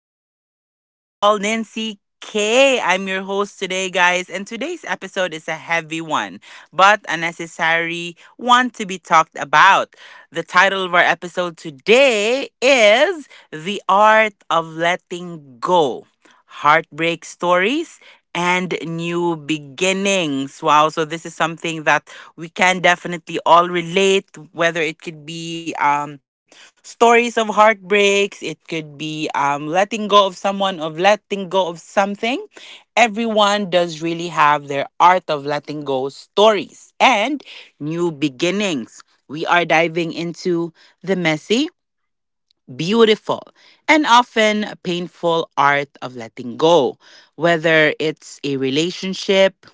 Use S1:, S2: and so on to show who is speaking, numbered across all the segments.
S1: yours truly, the doll Nancy K. I'm your host today, guys, and today's episode is a heavy one, but a necessary one to be talked about. The title of our episode today is The Art of Letting Go. Heartbreak stories and new beginnings. Wow. So this is something that we can definitely all relate, whether it could be stories of heartbreaks, it could be letting go of someone, of letting go of something. Everyone does really have their art of letting go stories and new beginnings. We are diving into the messy, beautiful, and often painful art of letting go, whether it's a relationship,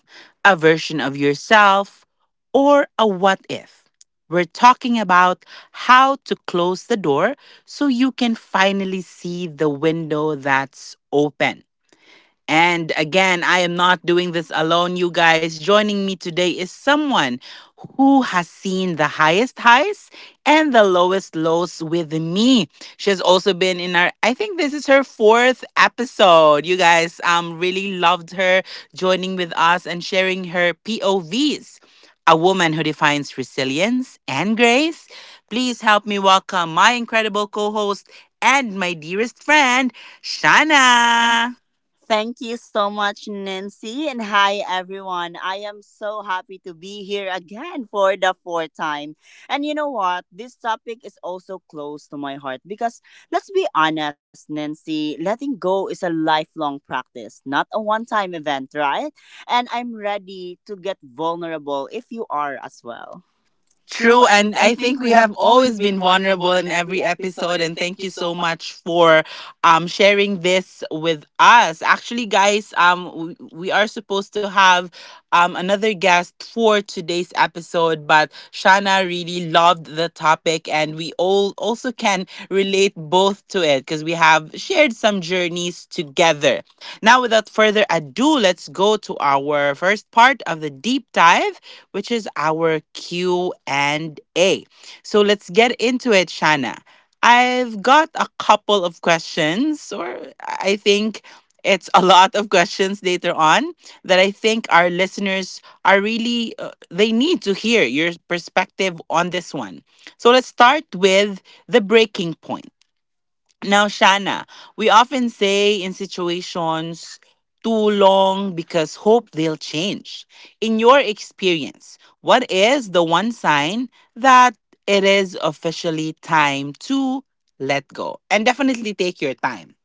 S1: a version of yourself, or a what if. We're talking about how to close the door so you can finally see the window that's open. And again, I am not doing this alone, you guys. Joining me today is someone who has seen the highest highs and the lowest lows with me. She has also been in our, I think this is her fourth episode. You guys, really loved her joining with us and sharing her POVs. A woman who defines resilience and grace. Please help me welcome my incredible co-host and my dearest friend, Shana.
S2: Thank you so much, Nancy. And hi, everyone. I am so happy to be here again for the fourth time. And you know what? This topic is also close to my heart because let's be honest, Nancy, letting go is a lifelong practice, not a one time event, right? And I'm ready to get vulnerable if you are as well. True,
S1: True,
S2: and
S1: and
S2: I
S1: I
S2: think
S1: think
S2: we
S1: we
S2: have
S1: have
S2: always
S1: always
S2: been
S1: been
S2: vulnerable
S1: vulnerable
S2: in
S1: in
S2: every
S1: every
S2: episode.
S1: episode.
S2: And
S1: And
S2: thank
S1: thank
S2: you
S1: you so
S2: so
S1: much for sharing this with us. Actually, guys, we are supposed to have another guest for today's episode. But Shana really loved the topic, and we all also can relate both to it because we have shared some journeys together. Now, without further ado, let's go to our first part of the deep dive, which is our Q and A. So let's get into it, Shana. I've got a couple of questions, or I think it's a lot of questions later on that I think our listeners are really, they need to hear your perspective on this one. So let's start with the breaking point. Now, Shana, we often say in situations too long because hope they'll change. In your experience, what is the one sign that it is officially time to let go? And definitely take your time.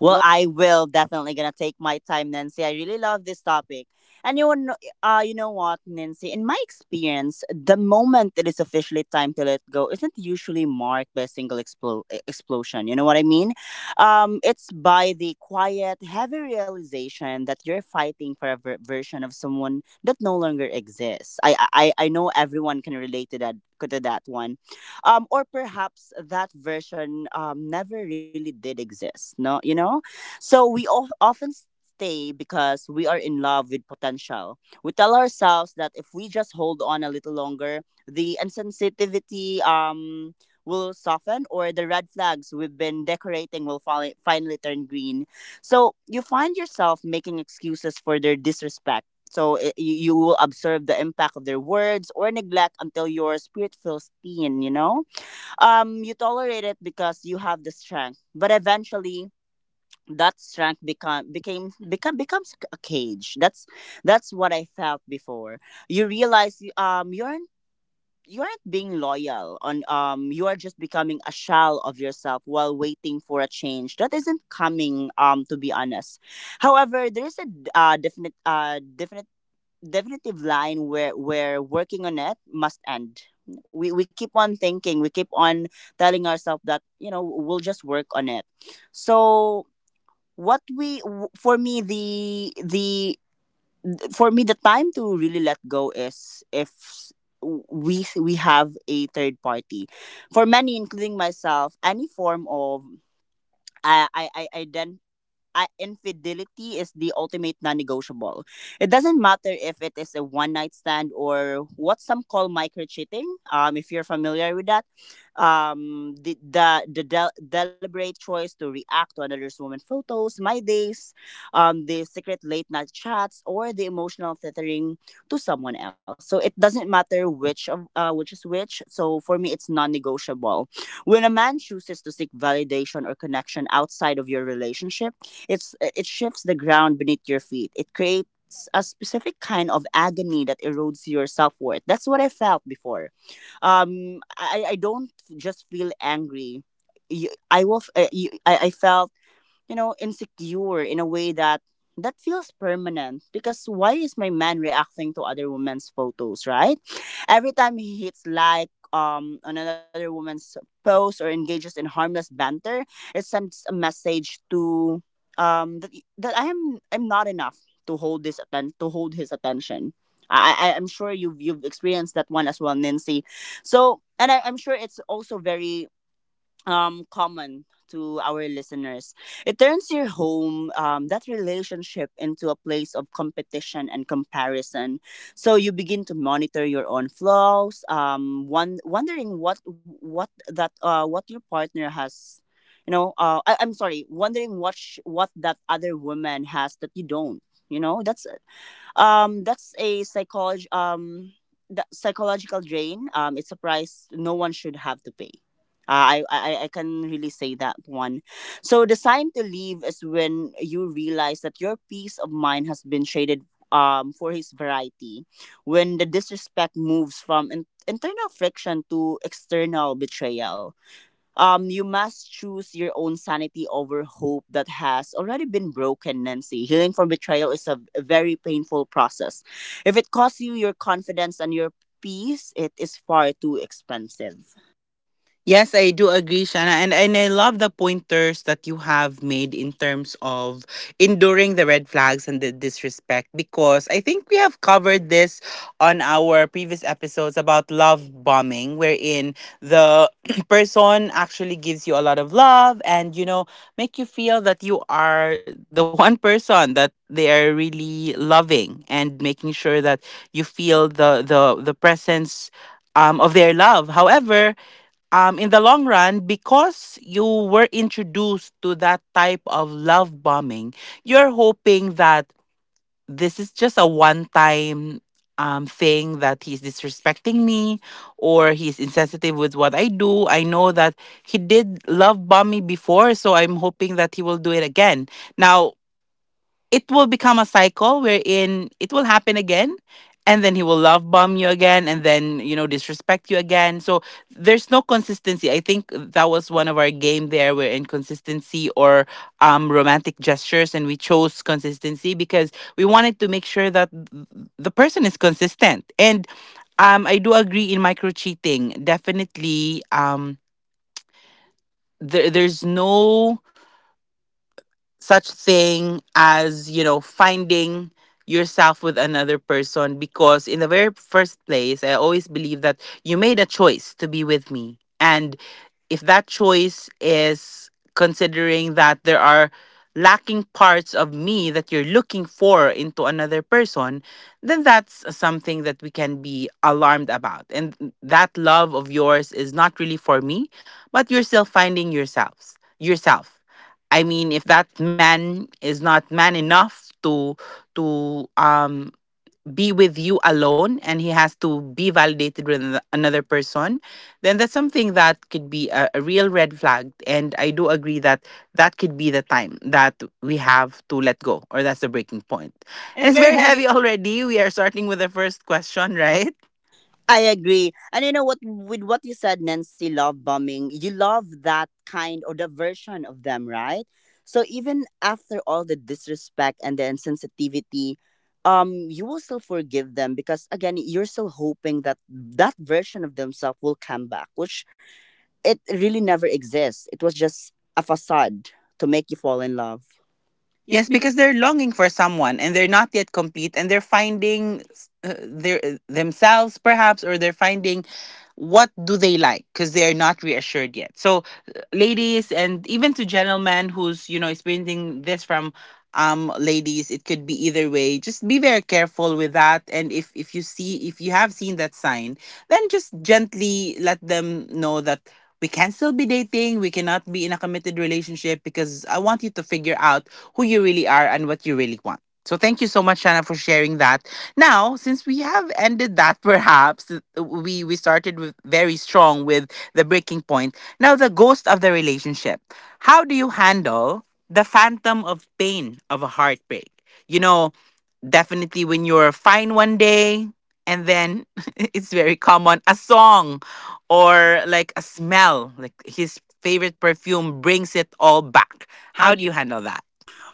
S2: Well, I will definitely gonna take my time, Nancy. I really love this topic. And you know what, Nancy? In my experience, the moment it is officially time to let go isn't usually marked by a single explosion. You know what I mean? It's by the quiet, heavy realization that you're fighting for a version of someone that no longer exists. I know everyone can relate to that one, or perhaps that version never really did exist. No, you know, so we often stay because we are in love with potential. We tell ourselves that if we just hold on a little longer, the insensitivity will soften, or the red flags we've been decorating will finally turn green. So you find yourself making excuses for their disrespect. So you will observe the impact of their words or neglect until your spirit feels thin, you know? You tolerate it because you have the strength, but eventually that strength become became become becomes a cage. That's what I felt before. You realize you aren't being loyal on, you are just becoming a shell of yourself while waiting for a change that isn't coming, to be honest. However, there is a d- definite definite definitive line where working on it must end. We keep on thinking, we keep on telling ourselves that, you know, we'll just work on it. So, for me, the time to really let go is, if s- we have a third party. For many, including myself, any form of I then infidelity is the ultimate non-negotiable. It doesn't matter if it is a one-night stand or what some call micro-cheating. If you're familiar with that, deliberate choice to react to another's woman photos, my days, the secret late-night chats, or the emotional tethering to someone else. So it doesn't matter which is which. So for me, it's non-negotiable. When a man chooses to seek validation or connection outside of your relationship, it shifts the ground beneath your feet. It creates a specific kind of agony that erodes your self worth. That's what I felt before. I don't just feel angry. You- I will. F- you- I felt, you know, insecure in a way that feels permanent because why is my man reacting to other women's photos, right? Every time he hits like on another woman's post or engages in harmless banter, it sends a message to, um that, that I'm not enough to to hold his attention. I'm sure you've experienced that one as well, Nancy. So, I'm sure it's also very common to our listeners. It turns your home, that relationship, into a place of competition and comparison. So you begin to monitor your own flaws, wondering what your partner has, you know. I'm sorry, wondering what that other woman has that you don't. You know, that's a psychology the psychological drain. It's a price no one should have to pay. I can really say that one. So the sign to leave is when you realize that your peace of mind has been traded for his variety, when the disrespect moves from internal friction to external betrayal. You must choose your own sanity over hope that has already been broken, Nancy. Healing from betrayal is a very painful process. If it costs you your confidence and your peace, it is far too expensive.
S1: Yes, I do agree, Shana. And I love the pointers that you have made in terms of enduring the red flags and the disrespect because I think we have covered this on our previous episodes about love bombing, wherein the person actually gives you a lot of love, and you know, make you feel that you are the one person that they are really loving and making sure that you feel the presence, of their love. However, in the long run, because you were introduced to that type of love bombing, you're hoping that this is just a one time thing that he's disrespecting me or he's insensitive with what I do. I know that he did love bomb me before, so I'm hoping that he will do it again. Now, it will become a cycle wherein it will happen again, and then he will love bomb you again, and then you know, disrespect you again. So there's no consistency. I think that was one of our game there, where inconsistency or romantic gestures, and we chose consistency because we wanted to make sure that the person is consistent. And I do agree in micro cheating. Definitely, there's no such thing as, you know, finding yourself with another person, because in the very first place, I always believe that you made a choice to be with me. And if that choice is considering that there are lacking parts of me that you're looking for into another person, then that's something that we can be alarmed about, and that love of yours is not really for me. But you're still finding yourselves yourself. I mean, if that man is not man enough to to um be with you alone, and he has to be validated with another person, then that's something that could be a real red flag. And I do agree that that could be the time that we have to let go, or that's the breaking point.
S2: And
S1: And
S2: it's
S1: it's
S2: very
S1: very
S2: heavy.
S1: heavy already. We are starting with the first question, right?
S2: I agree. And you know what, with what you said, Nancy, love bombing, you love that kind or the version of them, right? So even after all the disrespect and the insensitivity, you will still forgive them because again, you're still hoping that that version of themselves will come back, which it really never exists. It was just a facade to make you fall in love.
S1: Yes,
S2: Yes, because
S1: because they're longing for someone, and they're not yet complete, and they're finding s- their themselves perhaps, or they're finding what do they like, because they're not reassured yet. So ladies, and even to gentlemen who's, you know, experiencing this from ladies, it could be either way. Just be very careful with that, and if you see, if you have seen that sign, then just gently let them know that we can still be dating, we cannot be in a committed relationship, because I want you to figure out who you really are and what you really want. So thank you so much, Shana, for sharing that. Now, since we have ended that, perhaps we started with very strong with the breaking point. Now, the ghost of the relationship. How do you handle the phantom of pain of a heartbreak? You know, definitely when you're fine one day, and then it's very common, a song, or like a smell, like his favorite perfume brings it all back.
S2: how
S1: How do
S2: do
S1: you handle that?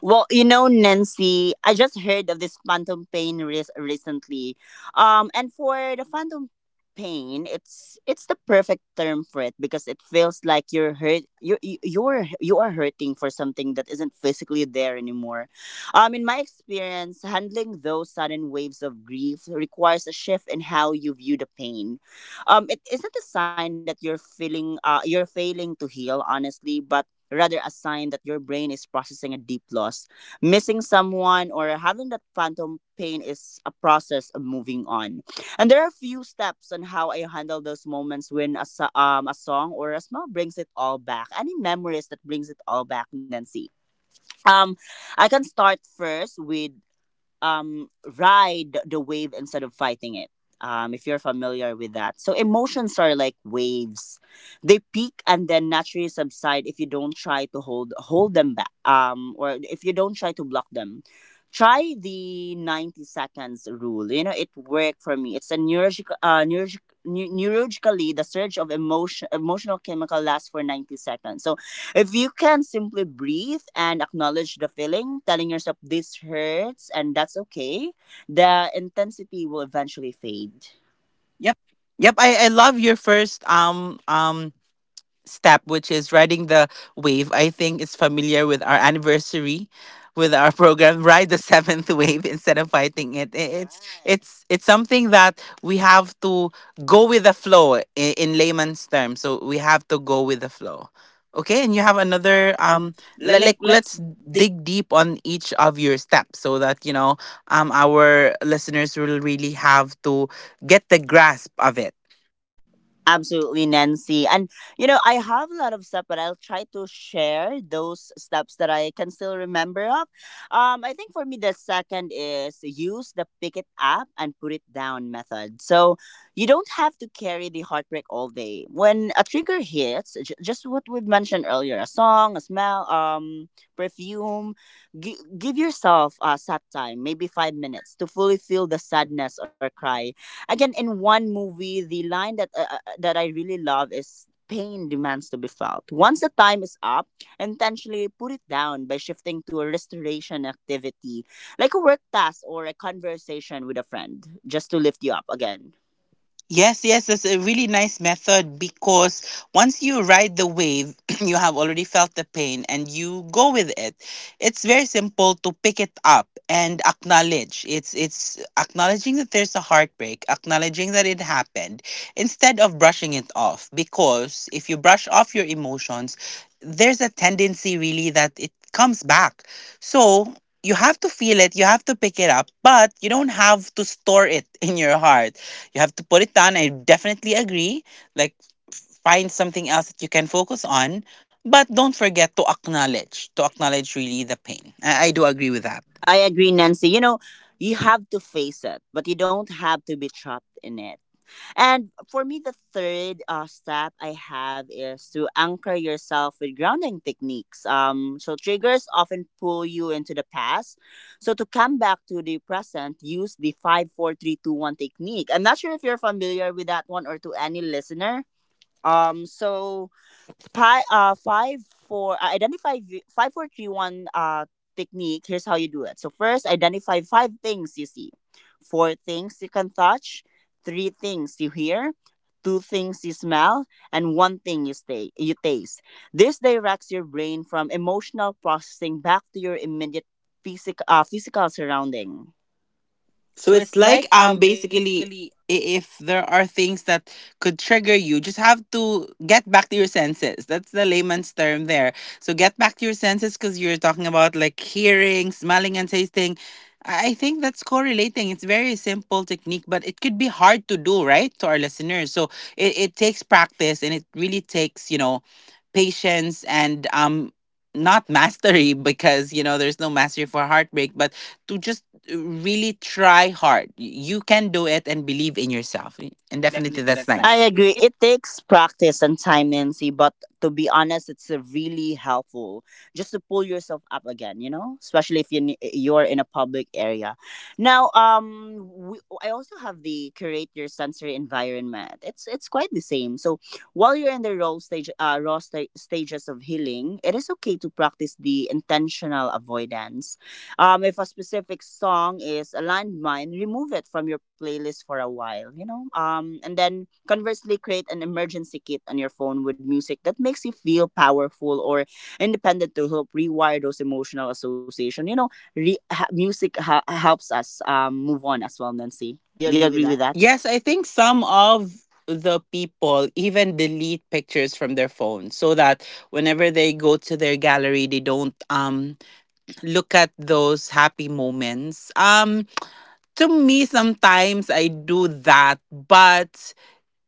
S2: well, you know, Nancy, I just heard of this phantom pain recently. And for the phantom pain, it's the perfect term for it because it feels like you're hurt. You are hurting for something that isn't physically there anymore. In my experience, handling those sudden waves of grief requires a shift in how you view the pain. It isn't a sign that you're failing to heal, honestly, but rather a sign that your brain is processing a deep loss. Missing someone or having that phantom pain is a process of moving on. And there are a few steps on how I handle those moments when a song or a smell brings it all back. Any memories that brings it all back, Nancy? Um, I can start first with, um, ride the wave instead of fighting it. If you're familiar with that, so emotions are like waves; they peak and then naturally subside if you don't try to hold them back, or if you don't try to block them. Try the 90 seconds rule. You know it worked for me. It's a neurologically the surge of emotional chemical lasts for 90 seconds. So if you can simply breathe and acknowledge the feeling, telling yourself this hurts and that's okay, the intensity will eventually fade. Yeah.
S1: Yep, I love your first step, which is riding the wave. I think it's familiar with our anniversary with our program, ride the seventh wave instead of fighting it. It's it's something that we have to go with the flow. In layman's terms, so we have to go with the flow. Okay, and you have another
S2: um
S1: like,
S2: like
S1: let's
S2: let's
S1: dig deep on each of your steps so that, you know, our listeners will really have to get the grasp of it.
S2: Absolutely, Nancy. And you know, I have a lot of stuff, but I'll try to share those steps that I can still remember of. I think for me, the second is, use the pick it up and put it down method. So you don't have to carry the heartbreak all day. When a trigger hits, just what we've mentioned earlier, a song, a smell, perfume, give yourself a sad time, maybe 5 minutes, to fully feel the sadness or cry again. In one movie, the line that that I really love is, pain demands to be felt. Once the time is up, intentionally put it down by shifting to a restoration activity, like a work task or a conversation with a friend, just to lift you up again.
S1: Yes, yes, it's a really nice method, because once you ride the wave, you have already felt the pain and you go with it. It's very simple to pick it up and acknowledge. It's acknowledging that there's a heartbreak, acknowledging that it happened, instead of brushing it off, because if you brush off your emotions, there's a tendency really that it comes back. So, you have to feel it, you have to pick it up, but you don't have to store it in your heart. You have to put it down. I definitely agree. Like, find something else that you can focus on, but don't forget to acknowledge really the pain. I do agree with that.
S2: I agree, Nancy. You know, you have to face it, but you don't have to be trapped in it. And for me, the third step I have is to anchor yourself with grounding techniques. So triggers often pull you into the past. So to come back to the present, use the 5-4-3-2-1 technique. I'm not sure if you're familiar with that one or to any listener. Um, so 5, 4, identify v- 5, 4, 3, 1 technique. Here's how you do it. So first, identify five things you see, four things you can touch, three things you hear, two things you smell, and one thing you taste. This directs your brain from emotional processing back to your immediate physical surrounding.
S1: So
S2: So
S1: it's
S2: it's
S1: like,
S2: like
S1: basically,
S2: basically
S1: if there are things that could trigger you, just have to get back to your senses. That's the layman's term there. So get back to your senses because you're talking about like hearing, smelling, and tasting. I think that's correlating. It's very simple technique, but it could be hard to do, right, to our listeners. So it takes practice, and it really takes, you know, patience and not mastery because, you know, there's no mastery for heartbreak, but to just really try hard. You can do it and believe in yourself. And
S2: And
S1: definitely
S2: definitely
S1: that's
S2: that's nice. I
S1: nice.
S2: nice. Agree. It takes practice and time, Nancy, but to be honest, it's really helpful just to pull yourself up again, you know, especially if you're in a public area. Now, I also have the curate your sensory environment. It's quite the same. So, while you're in the raw stage raw sta- stages of healing, it is okay to practice the intentional avoidance. If a specific song is a landmine, remove it from your playlist for a while, you know. And then conversely, create an emergency kit on your phone with music that makes you feel powerful or independent to help rewire those emotional association. You know, music helps us move on as well, Nancy.
S1: Do you
S2: Do you
S1: agree with
S2: agree with
S1: that?
S2: that?
S1: Yes, I think some of the people even delete pictures from their phone so that whenever they go to their gallery they don't look at those happy moments. Um, to me sometimes I do that, but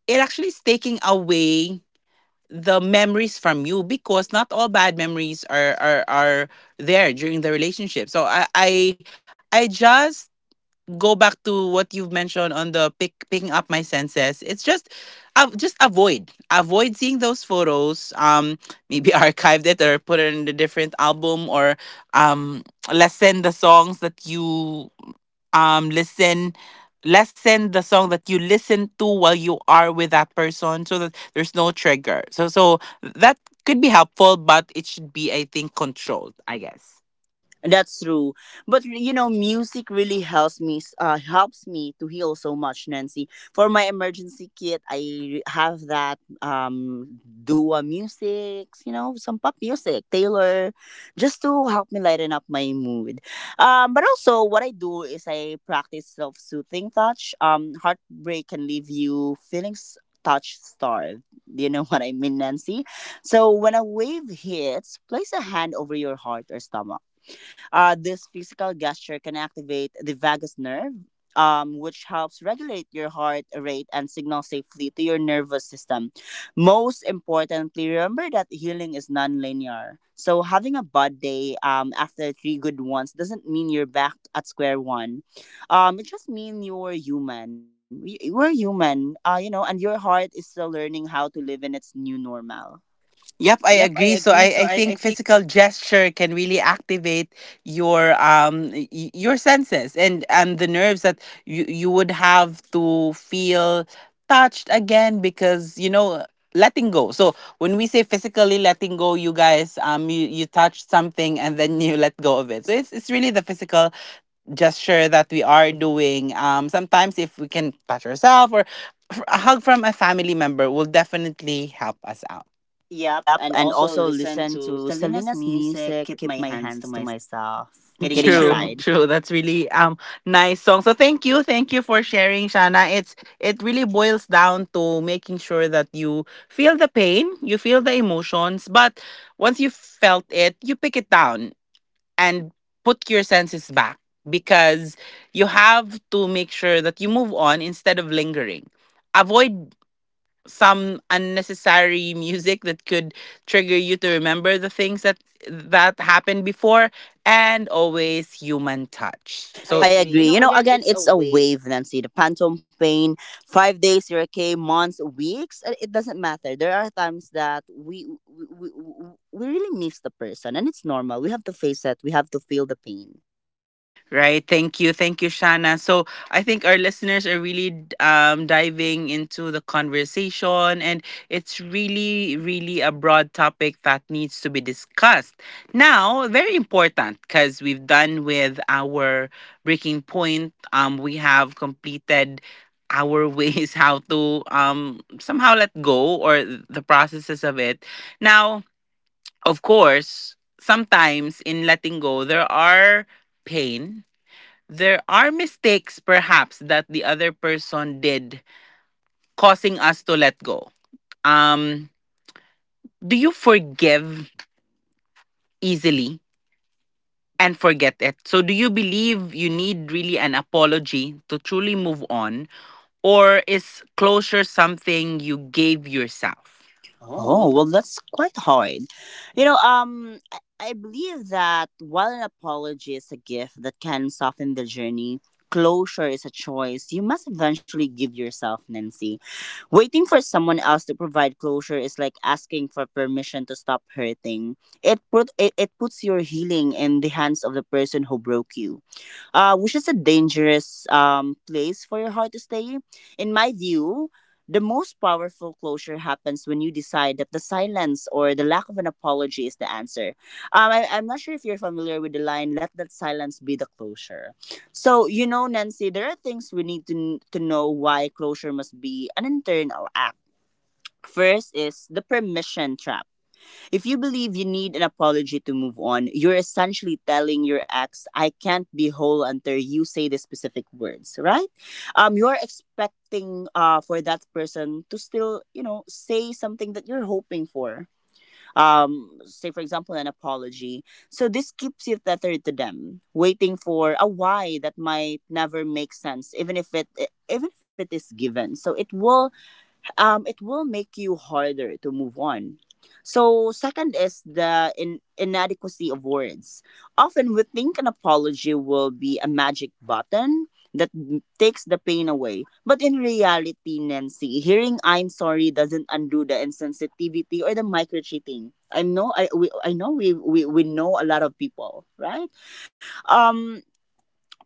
S1: it actually is taking away the memories from you, because not all bad memories are there during the relationship. So I just go back to what you've mentioned on the picking up my senses. It's just avoid seeing those photos. Maybe archived it or put it in a different album, or um lessen the songs that you listen lessen the song that you listen to while you are with that person, so that there's no trigger. So so that could be helpful, but it should be, I think, controlled, I guess.
S2: That's true. But you know, music really helps me helps me to heal so much, Nancy. For my emergency kit, I have that Dua music, you know, some pop music, Taylor, just to help me lighten up my mood. But also what I do is I practice self-soothing touch. Heartbreak can leave you feeling touch starved. Do you know what I mean, Nancy? So when a wave hits, place a hand over your heart or stomach, this physical gesture can activate the vagus nerve, which helps regulate your heart rate and signal safely to your nervous system. Most importantly, remember that healing is non-linear. So having a bad day after three good ones doesn't mean you're back at square one. It just means you're human. We're human, and your heart is still learning how to live in its new normal.
S1: Yep,
S2: Yep,
S1: I
S2: I
S1: agree.
S2: agree.
S1: So
S2: So I,
S1: I
S2: I think.
S1: think physical gesture can really activate your your senses, and the nerves that you would have to feel touched again because, you know, letting go. So when we say physically letting go, you guys, you, you touch something and then you let go of it. So it's really the physical gesture that we are doing. Sometimes if we can touch ourselves, or a hug from a family member will definitely help us out. Yep,
S2: Yep,
S1: and
S2: and
S1: also
S2: also
S1: listen
S2: listen
S1: to
S2: to
S1: Selena's
S2: Selena's
S1: music.
S2: music,
S1: Keep
S2: keep
S1: my
S2: my
S1: hands
S2: hands
S1: to
S2: to
S1: myself.
S2: myself.
S1: Getting a
S2: Kidding True.
S1: true
S2: Aside,
S1: vibe. True. That's really nice song. So thank you for sharing, Shana. It really boils down to making sure that you feel the pain, you feel the emotions, but once you felt it, you pick it down and put your senses back because you have to make sure that you move on instead of lingering. Avoid some unnecessary music that could trigger you to remember the things that happened before, and always human touch. I so
S2: I
S1: agree. You
S2: agree.
S1: know,
S2: You know,
S1: again,
S2: again,
S1: it's a
S2: it's a
S1: way.
S2: wave, Nancy. The phantom pain, 5 days, zero K, months, weeks, it doesn't matter. There are times that we really miss the person, and it's normal. We have to face it, we have to feel the pain.
S1: Right. Thank you. Thank you, Shana. So I think our listeners are really diving into the conversation, and it's really, really a broad topic that needs to be discussed. Now, very important because we've done with our breaking point. We have completed our ways how to somehow let go, or the processes of it. Now, of course, sometimes in letting go, there are pain, there are mistakes perhaps that the other person did causing us to let go. Um, do you forgive easily and forget it? So, do you believe you need really an apology to truly move on, or is closure something you gave yourself? Oh, well.
S2: Oh, well, that's quite hard. You know, I believe that while an apology is a gift that can soften the journey, closure is a choice you must eventually give yourself, Nancy. Waiting for someone else to provide closure is like asking for permission to stop hurting. It puts your healing in the hands of the person who broke you, which is a dangerous place for your heart to stay. In my view, the most powerful closure happens when you decide that the silence or the lack of an apology is the answer. I'm not sure if you're familiar with the line, let that silence be the closure. So, you know, Nancy, there are things we need to know why closure must be an internal act. First is the permission trap. If you believe you need an apology to move on, you're essentially telling your ex, I can't be whole until you say the specific words, right? You're expecting, for that person to still, you know, say something that you're hoping for. Say, for example, an apology. So this keeps you tethered to them, waiting for a why that might never make sense, even if it is given. So it will, it will make you harder to move on. So, second is the inadequacy of words. Often we think an apology will be a magic button that takes the pain away. But in reality, Nancy, hearing I'm sorry doesn't undo the insensitivity or the micro cheating. I know we know a lot of people, right? Um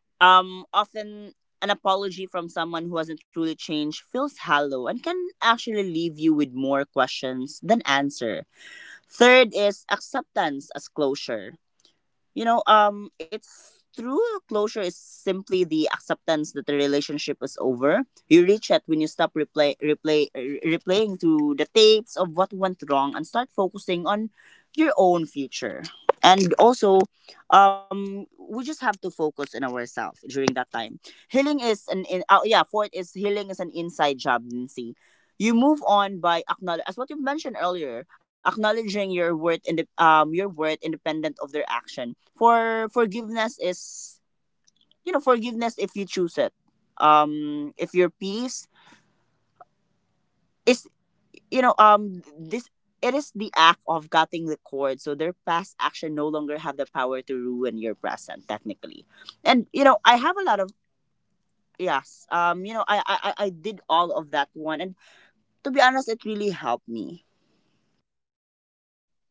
S2: Often, an apology from someone who hasn't truly changed feels hollow and can actually leave you with more questions than answer. Third is acceptance as closure. You know it's through Closure is simply the acceptance that the relationship is over. You reach that when you stop replaying to the tapes of what went wrong and start focusing on your own future. And also, we just have to focus on ourselves during that time. Healing is an in, yeah Fourth is, healing is an inside job, Nancy. You move on by acknowledge, as what you mentioned earlier, acknowledging your worth in the, your worth independent of their action. Forgiveness is, you know, forgiveness if you choose it, if your peace is, you know this it is the act of cutting the cord so their past action no longer have the power to ruin your present, technically. And you know, I have a lot of, yes, you know, I did all of that one, and to be honest, it really helped me.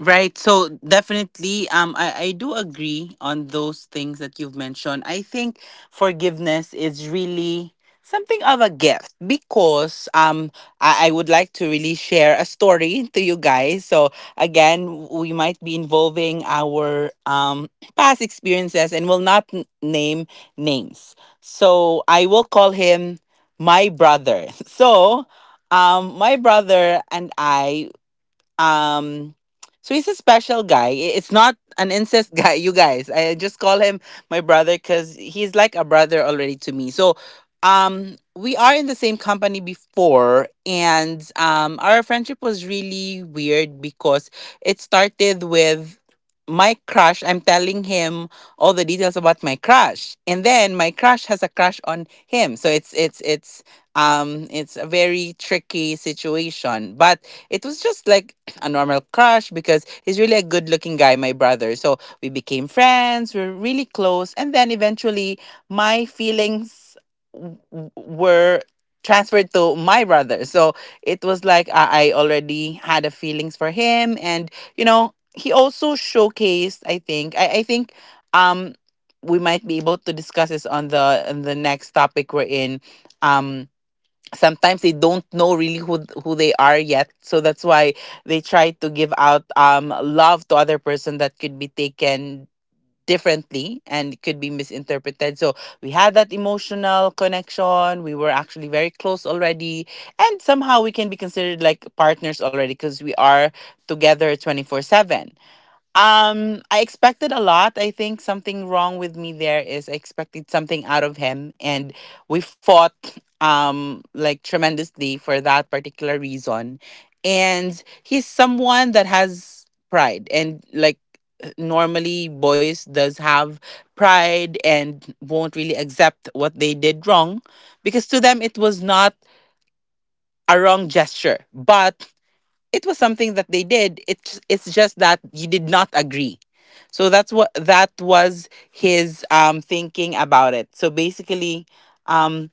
S1: Right. So definitely, I do agree on those things that you've mentioned. I think forgiveness is really something of a gift because I would like to really share a story to you guys. So again, we might be involving our past experiences and will not name names. So I will call him my brother. So my brother and I, um, so he's a special guy. It's not an incest guy, you guys. I just call him my brother because he's like a brother already to me. So, we are in the same company before, and our friendship was really weird because it started with my crush. I'm telling him all the details about my crush, and then my crush has a crush on him. So it's a very tricky situation, but it was just like a normal crush because he's really a good looking guy, my brother. So we became friends, we are really close. And then eventually, my feelings were transferred to my brother. So it was like I already had a feelings for him. And, you know, he also showcased, I think, um, we might be able to discuss this on the next topic we're in. um Sometimes they don't know really who they are yet, so that's why they try to give out love to other person that could be taken differently and could be misinterpreted. So we had that emotional connection, we were actually very close already, and somehow we can be considered like partners already because we are together 24/7. I expected a lot. I think something wrong with me there is I expected something out of him, and we fought like tremendously for that particular reason. And he's someone that has pride, and like normally boys does have pride and won't really accept what they did wrong because to them it was not a wrong gesture, but it was something that they did, it's just that you did not agree. So that's what that was his thinking about it. So basically, um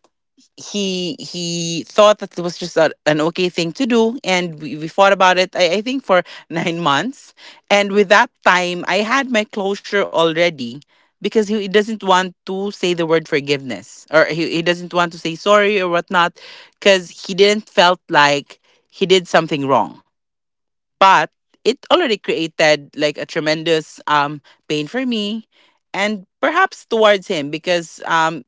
S1: he thought that it was just an okay thing to do, and we fought about it. I think for 9 months, and with that time I had my closure already because he doesn't want to say the word forgiveness, or he doesn't want to say sorry or whatnot because he didn't felt like he did something wrong. But it already created like a tremendous pain for me, and perhaps towards him, because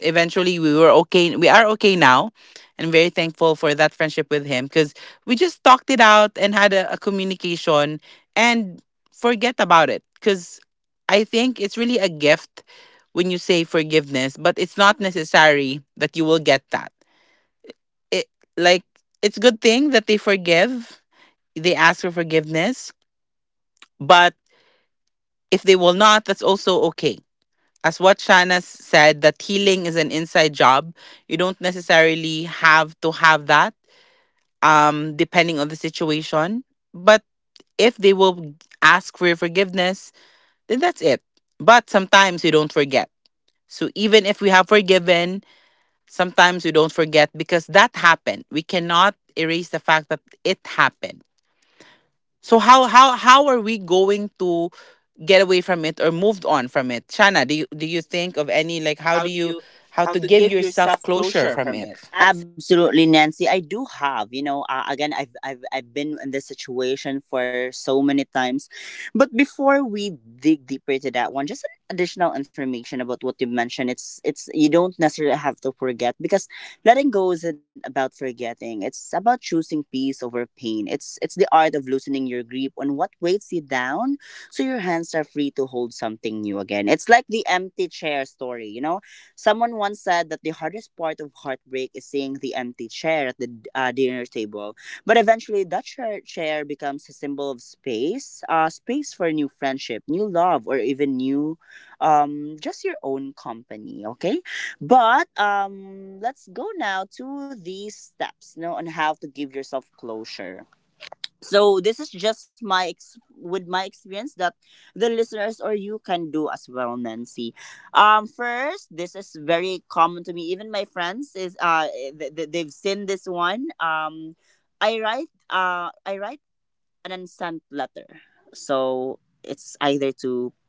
S1: eventually we were okay, we are okay now. And I'm very thankful for that friendship with him because we just talked it out and had a communication and forget about it, because I think it's really a gift when you say forgiveness, but it's not necessary that you will get that. It, like, it's good thing that they forgive, they ask for forgiveness, but if they will not, that's also okay. As what Shana said, that healing is an inside job. You don't necessarily have to have that, depending on the situation. But if they will ask for your forgiveness, then that's it. But sometimes you don't forget. So even if we have forgiven, sometimes we don't forget because that happened. We cannot erase the fact that it happened. So how are we going to get away from it or moved on from it, Shana? Do you think of any, like,
S2: Like
S1: how
S2: how
S1: do
S2: do
S1: you,
S2: you,
S1: how
S2: how
S1: to
S2: to
S1: give
S2: give
S1: yourself
S2: yourself
S1: closure
S2: closure
S1: from
S2: from
S1: it?
S2: it?
S1: Absolutely.
S2: Absolutely, Nancy. I do have, you know, again, I've been in this situation for so many times. But before we dig deeper to that one, just an additional information about what you mentioned. You don't necessarily have to forget, because letting go isn't about forgetting. It's about choosing peace over pain. It's the art of loosening your grip on what weighs you down so your hands are free to hold something new again. It's like the empty chair story, you know? Someone once said that the hardest part of heartbreak is seeing the empty chair at the, dinner table. But eventually, that chair becomes a symbol of space, space for new friendship, new love, or even new, just your own company. Okay? But let's go now to these steps, you know, on how to give yourself closure. So this is just with my experience that the listeners or you can do as well, Nancy. First, this is very common to me. Even my friends is, they've seen this one. I write, I write an unsent letter, so it's either to,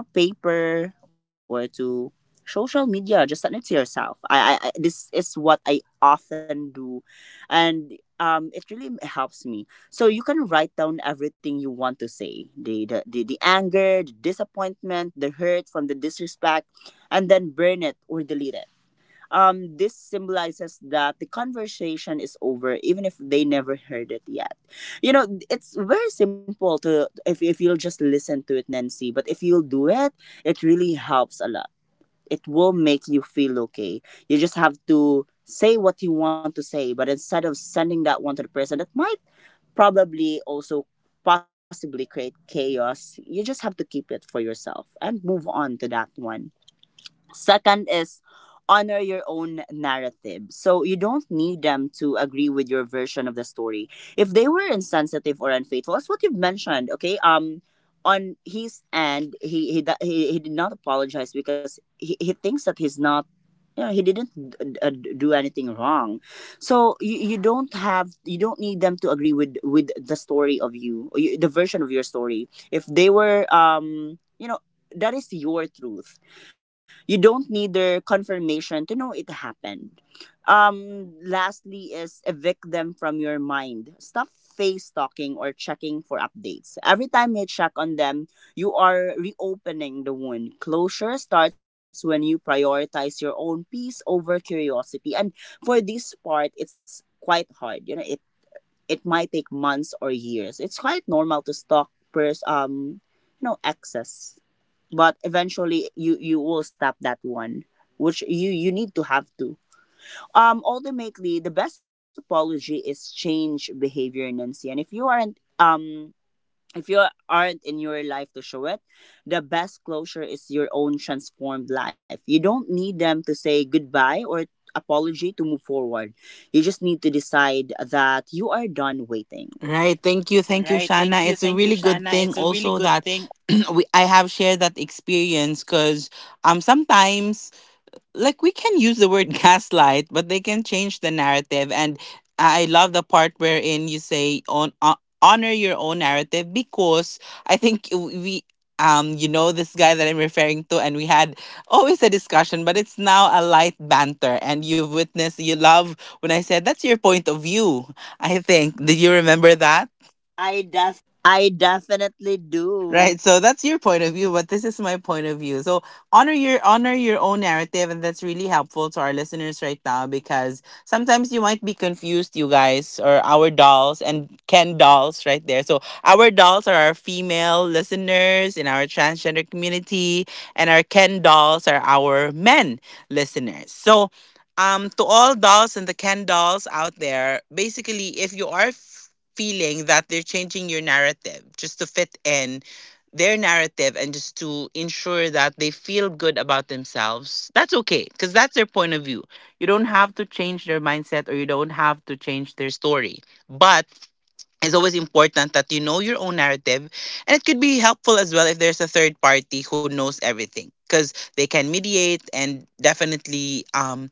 S2: you know, paper or to social media, just send it to yourself. This is what I often do. And it really helps me. So you can write down everything you want to say, the, the anger, the disappointment, the hurt from the disrespect, and then burn it or delete it. This symbolizes that the conversation is over, even if they never heard it yet. You know, it's very simple to, if you'll just listen to it, Nancy. But if you'll do it, it really helps a lot. It will make you feel okay. You just have to say what you want to say, but instead of sending that one to the person, that might probably also possibly create chaos. You just have to keep it for yourself and move on to that one. Second is, honor your own narrative. So you don't need them to agree with your version of the story. If they were insensitive or unfaithful, that's what you've mentioned, okay? On his end, he did not apologize because he thinks that he's not, yeah, he didn't d- d- do anything wrong. So, you don't need them to agree with the story of you, or you the version of your story. If they were you know That is your truth. You don't need their confirmation to know it happened. Lastly is, evict them from your mind. Stop face stalking or checking for updates. Every time you check on them, you are reopening the wound. Closure starts when you prioritize your own peace over curiosity. And for this part, it's quite hard. You know, it might take months or years. It's quite normal to you know, excess, but eventually you will stop that one, which you need to have to. Ultimately, the best apology is change behavior, Nancy. And if you aren't, if you aren't in your life to show it, the best closure is your own transformed life. You don't need them to say goodbye or apology to move forward. You just need to decide that you are done waiting.
S1: Right. Thank you. Thank you,
S2: Right. Thank
S1: Shana.
S2: you.
S1: It's a
S2: Thank you,
S1: really good
S2: Shana.
S1: thing
S2: It's a really
S1: also
S2: good
S1: that
S2: thing.
S1: we I have shared that experience because sometimes, like, we can use the word gaslight, but they can change the narrative. And I love the part wherein you say on honor your own narrative, because I think we, you know, this guy that I'm referring to, and we had always a discussion, but it's now a light banter, and you've witnessed, you love when I said, that's your point of view. I think, did you remember that I
S2: I definitely do.
S1: Right, so that's your point of view, but this is my point of view. So honor your own narrative, and that's really helpful to our listeners right now, because sometimes you might be confused, you guys, or our dolls and Ken dolls right there. So our dolls are our female listeners in our transgender community, and our Ken dolls are our men listeners. So to all dolls and the Ken dolls out there, basically if you are feeling that they're changing your narrative just to fit in their narrative and just to ensure that they feel good about themselves, that's okay because that's their point of view. You don't have to change their mindset, or you don't have to change their story. But it's always important that you know your own narrative, and it could be helpful as well if there's a third party who knows everything because they can mediate and definitely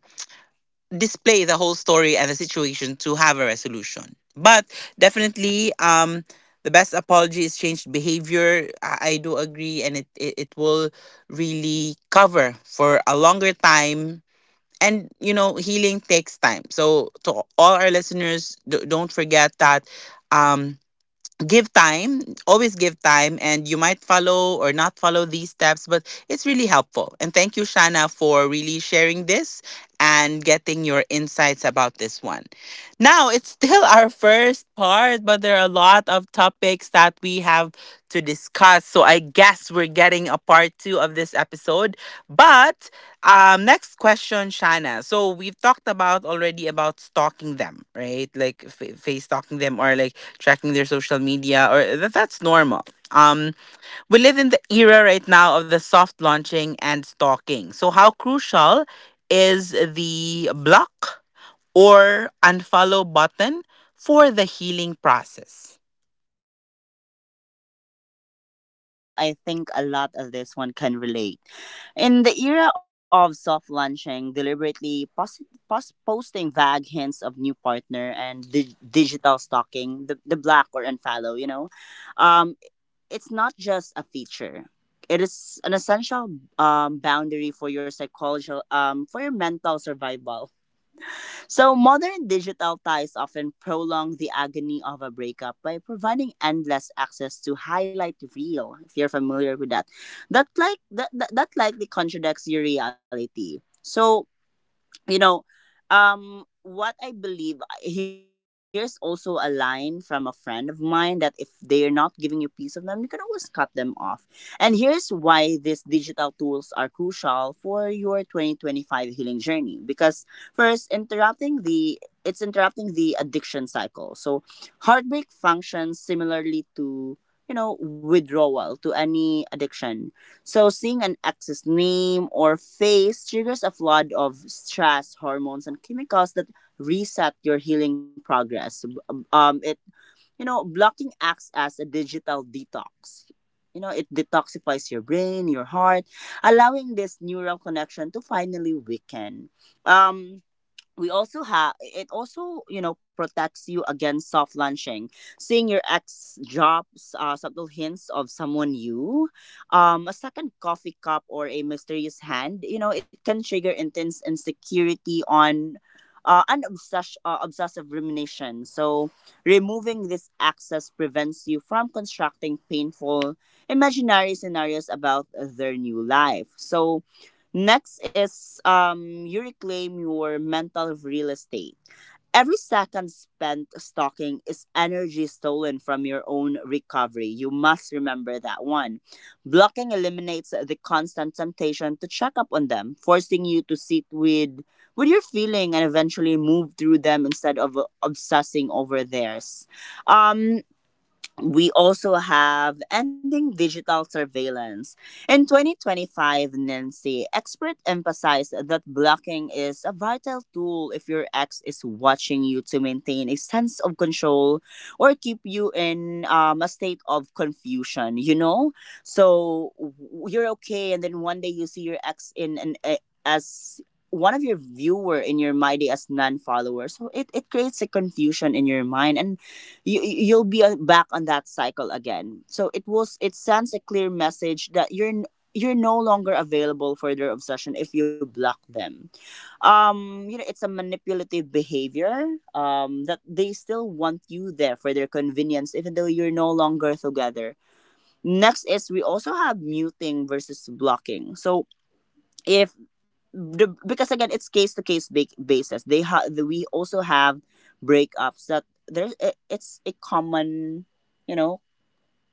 S1: display the whole story and the situation to have a resolution. But definitely, the best apology is changed behavior. I do agree, and it will really cover for a longer time. And you know, healing takes time. So, to all our listeners, don't forget that, um, give time, always give time, and you might follow or not follow these steps, but it's really helpful. And thank you, Shana, for really sharing this and getting your insights about this one. Now, it's still our first part, but there are a lot of topics that we have to discuss, so I guess we're getting a part two of this episode. But next question, Shana. So we've talked about already about stalking them, right? Like face stalking them, or like tracking their social media, or that's normal. Um, we live in the era right now of the soft launching and stalking. So how crucial is the block or unfollow button for the healing process?
S2: Oh, well, I think a lot of this one can relate. In the era of soft launching, deliberately posting vague hints of new partner and digital stalking, the black or unfollow, you know, um, it's not just a feature. It is an essential, boundary for your psychological, for your mental survival. So, modern digital ties often prolong the agony of a breakup by providing endless access to highlight reel, if you're familiar with that. That likely contradicts your reality. So, you know, what I believe here's also a line from a friend of mine that if they're not giving you peace of them, you can always cut them off. And here's why these digital tools are crucial for your 2025 healing journey. Because first, interrupting the it's interrupting the addiction cycle. So heartbreak functions similarly to, you know, withdrawal to any addiction. So seeing an ex's name or face triggers a flood of stress hormones and chemicals that reset your healing progress. It You know, blocking acts as a digital detox. You know, it detoxifies your brain, your heart, allowing this neural connection to finally weaken. Um, we also have it also protects you against soft launching. Seeing your ex drops subtle hints of someone new, a second coffee cup or a mysterious hand, it can trigger intense insecurity on obsessive rumination, so removing this access prevents you from constructing painful imaginary scenarios about their new life. Next is, you reclaim your mental real estate. Every second spent stalking is energy stolen from your own recovery. You must remember that one. Blocking eliminates the constant temptation to check up on them, forcing you to sit with your feeling and eventually move through them instead of obsessing over theirs. Um, we also have ending digital surveillance. In 2025, Nancy, experts emphasize that blocking is a vital tool if your ex is watching you to maintain a sense of control or keep you in a state of confusion, you know? So you're okay, and then one day you see your ex in an a as one of your viewer in your my day as non-follower, so it creates a confusion in your mind, and you will be back on that cycle again. So it sends a clear message that you're no longer available for their obsession if you block them. It's a manipulative behavior. That they still want you there for their convenience, even though you're no longer together. Next is, we also have muting versus blocking. So if because again it's case to case basis, we also have breakups that it's a common, you know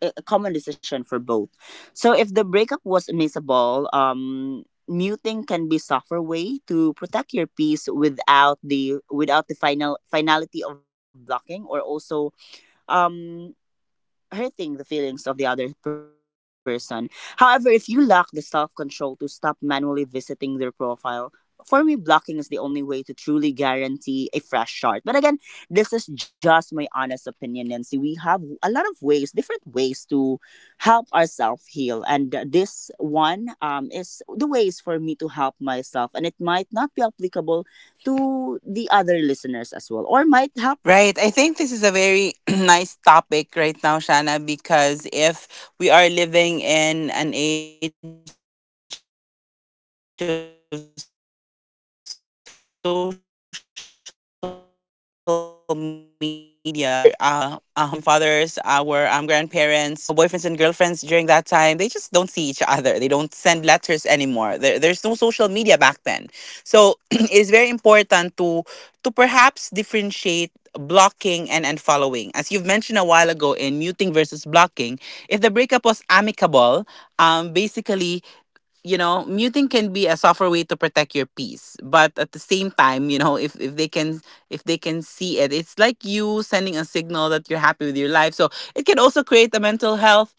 S2: a common decision for both. So if the breakup was amicable, muting can be softer way to protect your peace without the finality of blocking, or also um hurting the feelings of the other person. However, if you lack the self control to stop manually visiting their profile, for me, blocking is the only way to truly guarantee a fresh start. But again, this is just my honest opinion, Nancy. We have a lot of ways, different ways to help ourselves heal. And this one, is the ways for me to help myself. And it might not be applicable to the other listeners as well, or might help
S1: Right. I
S2: them.
S1: think this is a very
S2: Right. I think.
S1: nice topic right now, Shana, because if we are living in an age of social media, before our mothers and fathers, our grandparents, when they break up, perhaps with their boyfriends and girlfriends during that time, they just don't see each other. They don't send letters anymore. There's no social media back then. So it is very important to perhaps differentiate blocking and unfollowing. As you've mentioned a while ago in muting versus blocking, if the breakup was amicable, basically muting can be a softer way to protect your peace. But at the same time, if they can see it, it's like you sending a signal that you're happy with your life. So it can also create a mental health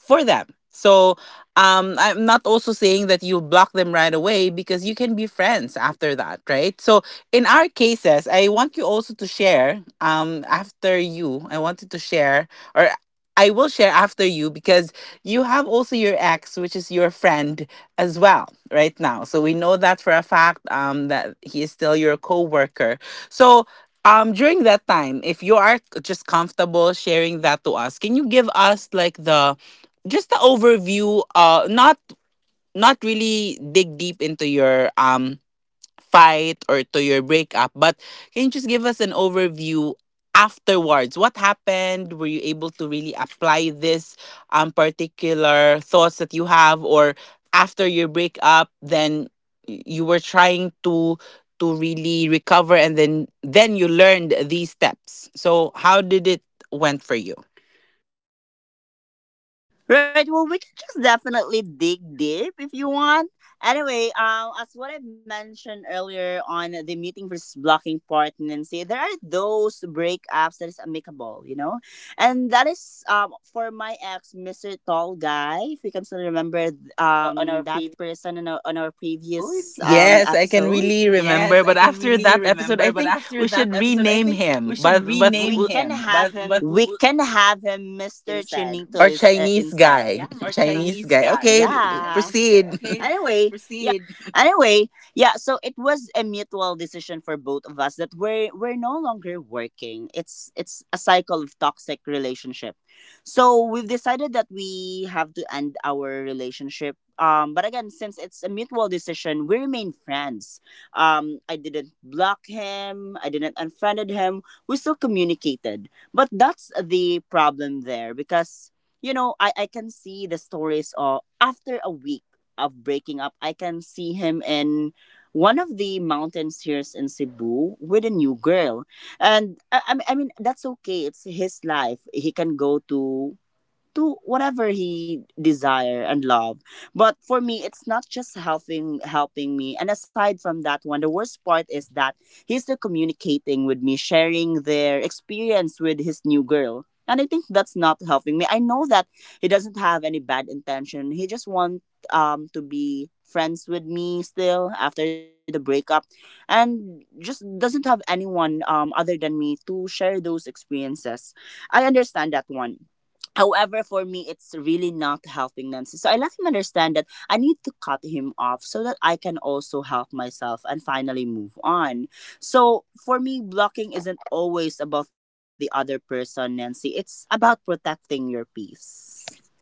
S1: for them. So I'm not also saying that you block them right away because you can be friends after that, right? So in our cases, I want you also to share, after you. I wanted to share, or I will share after you, because you have also your ex, which is your friend as well right now. So we know that for a fact that he is still your coworker. So during that time, if you are just comfortable sharing that to us, can you give us like the just the overview, not not really dig deep into your fight or to your breakup, but can you just give us an overview afterwards? What happened? Were you able to really apply this particular thoughts that you have? Or after your breakup then, you were trying to really recover, and then you learned these steps, so how did it went for you
S2: Right. Well, we can just definitely dig deep if you want. Anyway, as what I mentioned earlier on the meeting versus blocking partnership, there are those breakups that is amicable, you know, and that is for my ex, Mister Tall Guy. If you can still remember
S1: on our
S2: that person on our
S1: episode?
S2: previous
S1: Yes, I can
S2: episode.
S1: really
S2: Yes,
S1: remember.
S2: I
S1: But
S2: can
S1: after
S2: really
S1: that episode,
S2: remember.
S1: I
S2: But
S1: think
S2: after
S1: we
S2: that
S1: should
S2: episode, I
S1: rename
S2: think we
S1: him.
S2: should
S1: But we
S2: rename
S1: can
S2: him. But
S1: have him
S2: but we can have him Mr.
S1: instead.
S2: Chinito
S1: Or
S2: is,
S1: Chinese
S2: instead.
S1: guy. Yeah.
S2: Or
S1: Chinese
S2: Chinese
S1: guy.
S2: guy.
S1: Okay,
S2: Yeah. Chinese guy.
S1: proceed.
S2: Okay,
S1: Anyway,
S2: proceed. Anyway, yeah, so it was a mutual decision for both of us that we're no longer working. It's a cycle of toxic relationship. So we've decided that we have to end our relationship. But again, since it's a mutual decision, we remain friends. I didn't block him. I didn't unfriended him, we still communicated. But that's the problem there because, I can see the stories of after a week of breaking up, I can see him in one of the mountains here in Cebu with a new girl. And I mean, that's okay. It's his life. He can go to whatever he desire and love, but for me it's not just helping me. And aside from that one, the worst part is that he's still communicating with me, sharing their experience with his new girl. And I think that's not helping me. I know that he doesn't have any bad intention, he just want to be friends with me still after the breakup, and just doesn't have anyone other than me to share those experiences. I understand that one. However, for me, it's really not helping, Nancy. So I let him understand that I need to cut him off so that I can also help myself and finally move on. So for me, blocking isn't always about the other person, Nancy. It's about protecting your peace.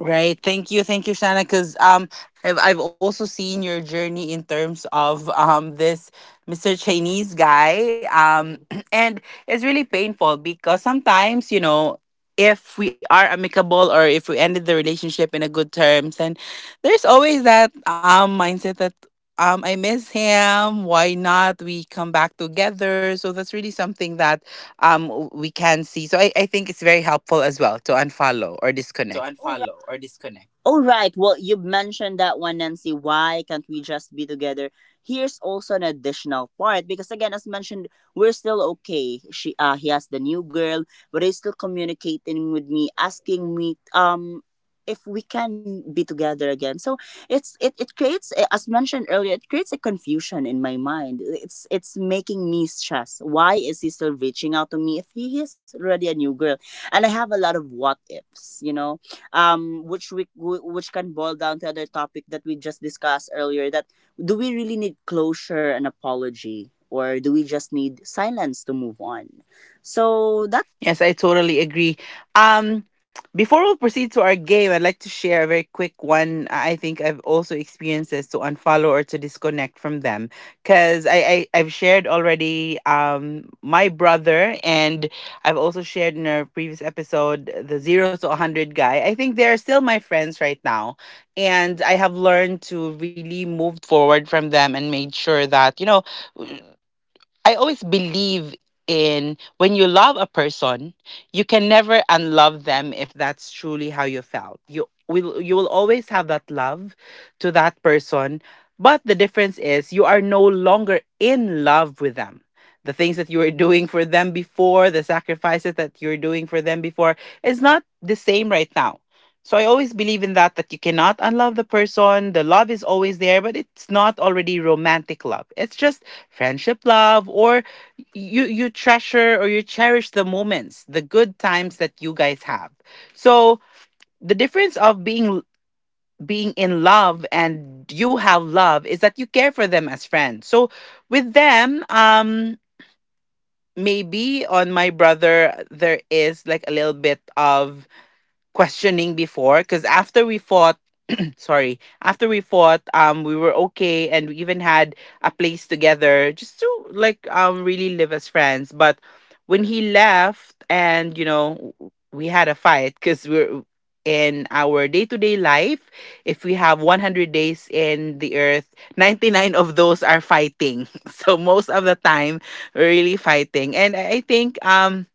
S1: right. Thank you. Thank you, Shanna. Because I've also seen your journey in terms of this Mr. Chinese guy. And it's really painful, because sometimes, you know, if we are amicable or if we ended the relationship in a good terms, and there's always that mindset that I miss him. Why not we come back together? So that's really something that we can see. So I think it's very helpful as well to unfollow or
S2: To
S1: disconnect.
S2: unfollow or disconnect. Oh, right. Well, you mentioned that one, Nancy. Why can't we just be together? Here's also an additional part because, again, as mentioned, we're still okay. He has the new girl, but he's still communicating with me, asking me, if we can be together again. So it creates, as mentioned earlier, it creates a confusion in my mind. It's making me stress. Why is he still reaching out to me if he is already a new girl? And I have a lot of what ifs, which can boil down to other topic that we just discussed earlier. That do we really need closure and apology, or do we just need silence to move on? So that's it.
S1: Yes, I totally agree. Um, before we proceed to our game, I'd like to share a very quick one. I think I've also experienced this, to unfollow or to disconnect from them, because I've shared already my brother, and I've also shared in our previous episode the 0 to 100 guy. I think they're still my friends right now, and I have learned to really move forward from them and made sure that you know. I always believe in, when you love a person, you can never unlove them if that's truly how you felt. You will always have that love to that person, but the difference is you are no longer in love with them. The things that you were doing for them before, the sacrifices that you're doing for them before is not the same right now. So I always believe in that you cannot unlove the person. The love is always there, but it's not already romantic love. It's just friendship love, or you treasure or you cherish the moments, the good times that you guys have. So the difference of being in love and you have love is that you care for them as friends. So with them, maybe on my brother, there is like a little bit of questioning before, because after we fought, sorry, after we fought, we were okay and we even had a place together just to like really live as friends. But when he left, and you know, we had a fight because we're in our day-to-day life. If we have 100 days in the earth, 99 of those are fighting. So most of the time we're really fighting, and I think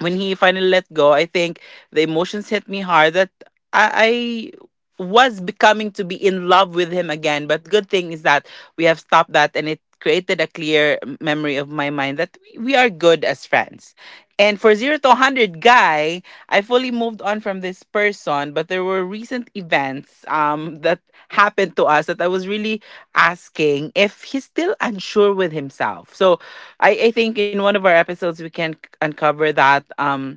S1: when he finally let go, I think the emotions hit me hard that I, I was becoming to be in love with him again. But good thing is that we have stopped that, and it created a clear memory of my mind that we are good as friends. And for 0 to 100 guy, I fully moved on from this person, but there were recent events, that happened to us that I was really asking if he's still unsure with himself. So I think in one of our episodes we can uncover that.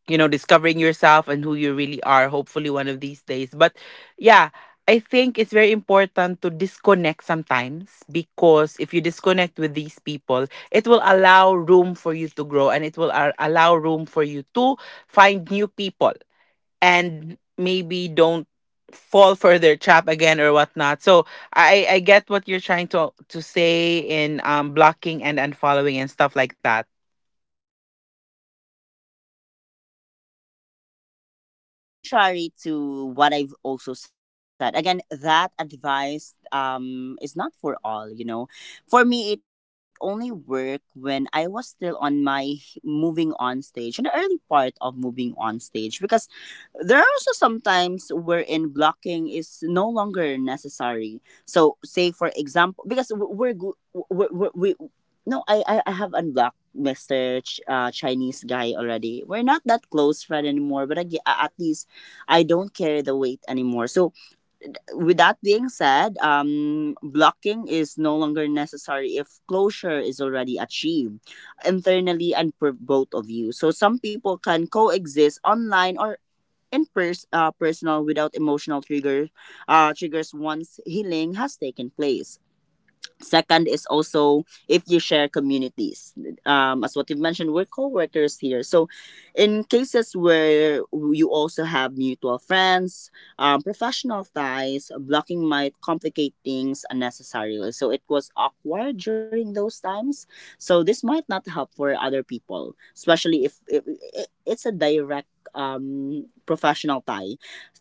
S1: You know, discovering yourself and who you really are, hopefully one of these days. But yeah, I think it's very important to disconnect sometimes, because if you disconnect with these people, it will allow room for you to grow, and it will allow room for you to find new people, and maybe don't fall for their trap again or whatnot. So I get what you're trying to say in blocking and unfollowing and stuff like that.
S2: Right, Nancy. But in contrary to what I've also said, again, that advice is not for all, you know. For me, it only worked when I was still on my moving on stage, in the early part of moving on stage, because there are also sometimes wherein blocking is no longer necessary. So, say for example, because we're good, we're, we no, I have unblocked Mr. Chinese guy already. We're not that close friend anymore, but at least I don't carry the weight anymore. So, with that being said, blocking is no longer necessary if closure is already achieved internally and for both of you. So, some people can coexist online or in personal without emotional triggers once healing has taken place. Second is also if you share communities. As what you mentioned, we're co-workers here. So in cases where you also have mutual friends, professional ties, blocking might complicate things unnecessarily. So it was awkward during those times. So this might not help for other people, especially if, it's a direct professional tie.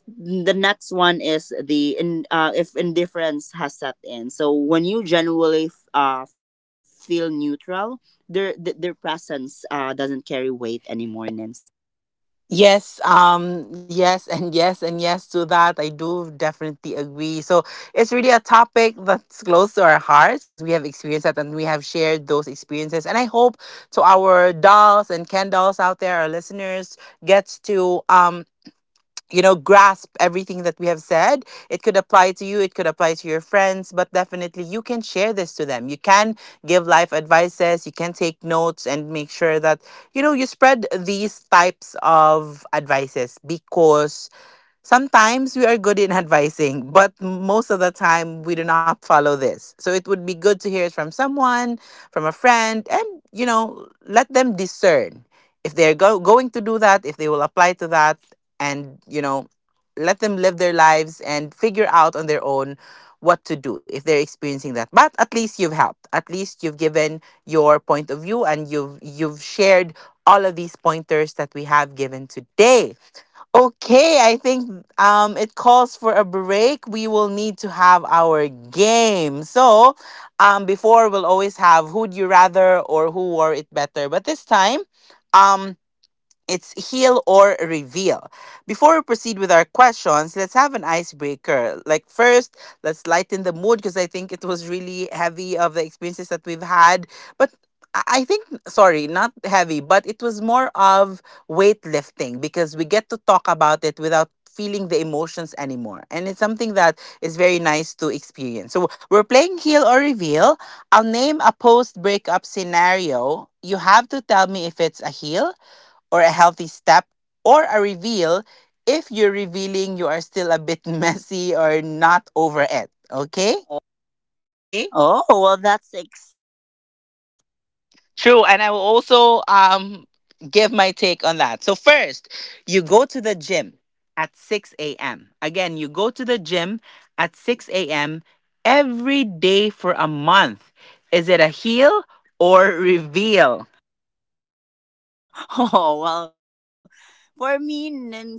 S2: The next one is if indifference has set in. So when you genuinely feel neutral, their presence doesn't carry weight anymore, Nancy.
S1: Yes, yes, and yes, and yes to that. I do definitely agree. So it's really a topic that's close to our hearts because we have experienced that and we have shared those experiences. And I hope to our dolls and Ken dolls out there, our listeners, gets to you know, grasp everything that we have said. It could apply to you, it could apply to your friends, but definitely you can share this to them, you can give life advices, you can take notes and make sure that you know, you spread these types of advices. Because sometimes we are good in advising, but most of the time we do not follow this. So it would be good to hear it from someone, from a friend, and you know, let them discern if they're going to do that, if they will apply to that, and you know, let them live their lives and figure out on their own what to do if they're experiencing that. But at least you've helped. At least you've given your point of view, and you've shared all of these pointers that we have given today. Okay, I think it calls for a break. We will need to have our game. So, before, we'll always have who'd you
S2: Before we will
S1: rather
S2: always.
S1: or who wore it better. But this time, um, it's heal or reveal. Before we proceed with our questions, let's have an icebreaker. Like first, let's lighten the mood, because I think it was really heavy of the experiences that we've had. But I think sorry, not heavy, but it was more of weightlifting, because we get to talk about it without feeling the emotions anymore. And it's something that is very nice to experience. So we're playing heal or reveal. I'll name a post breakup scenario. You have to tell me if it's a heal or a healthy step, or a reveal if you're revealing you are still a bit messy or not over it. Okay? Oh.
S2: Okay. Oh well, that's exciting, Nancy. This is
S1: True, and I will
S2: new.
S1: also give my take on that. So first, you go to the gym at 6 a.m. Again, you go to the gym at 6 a.m. every day for a month. Is it a heal or reveal?
S2: Oh well, for me, Nancy,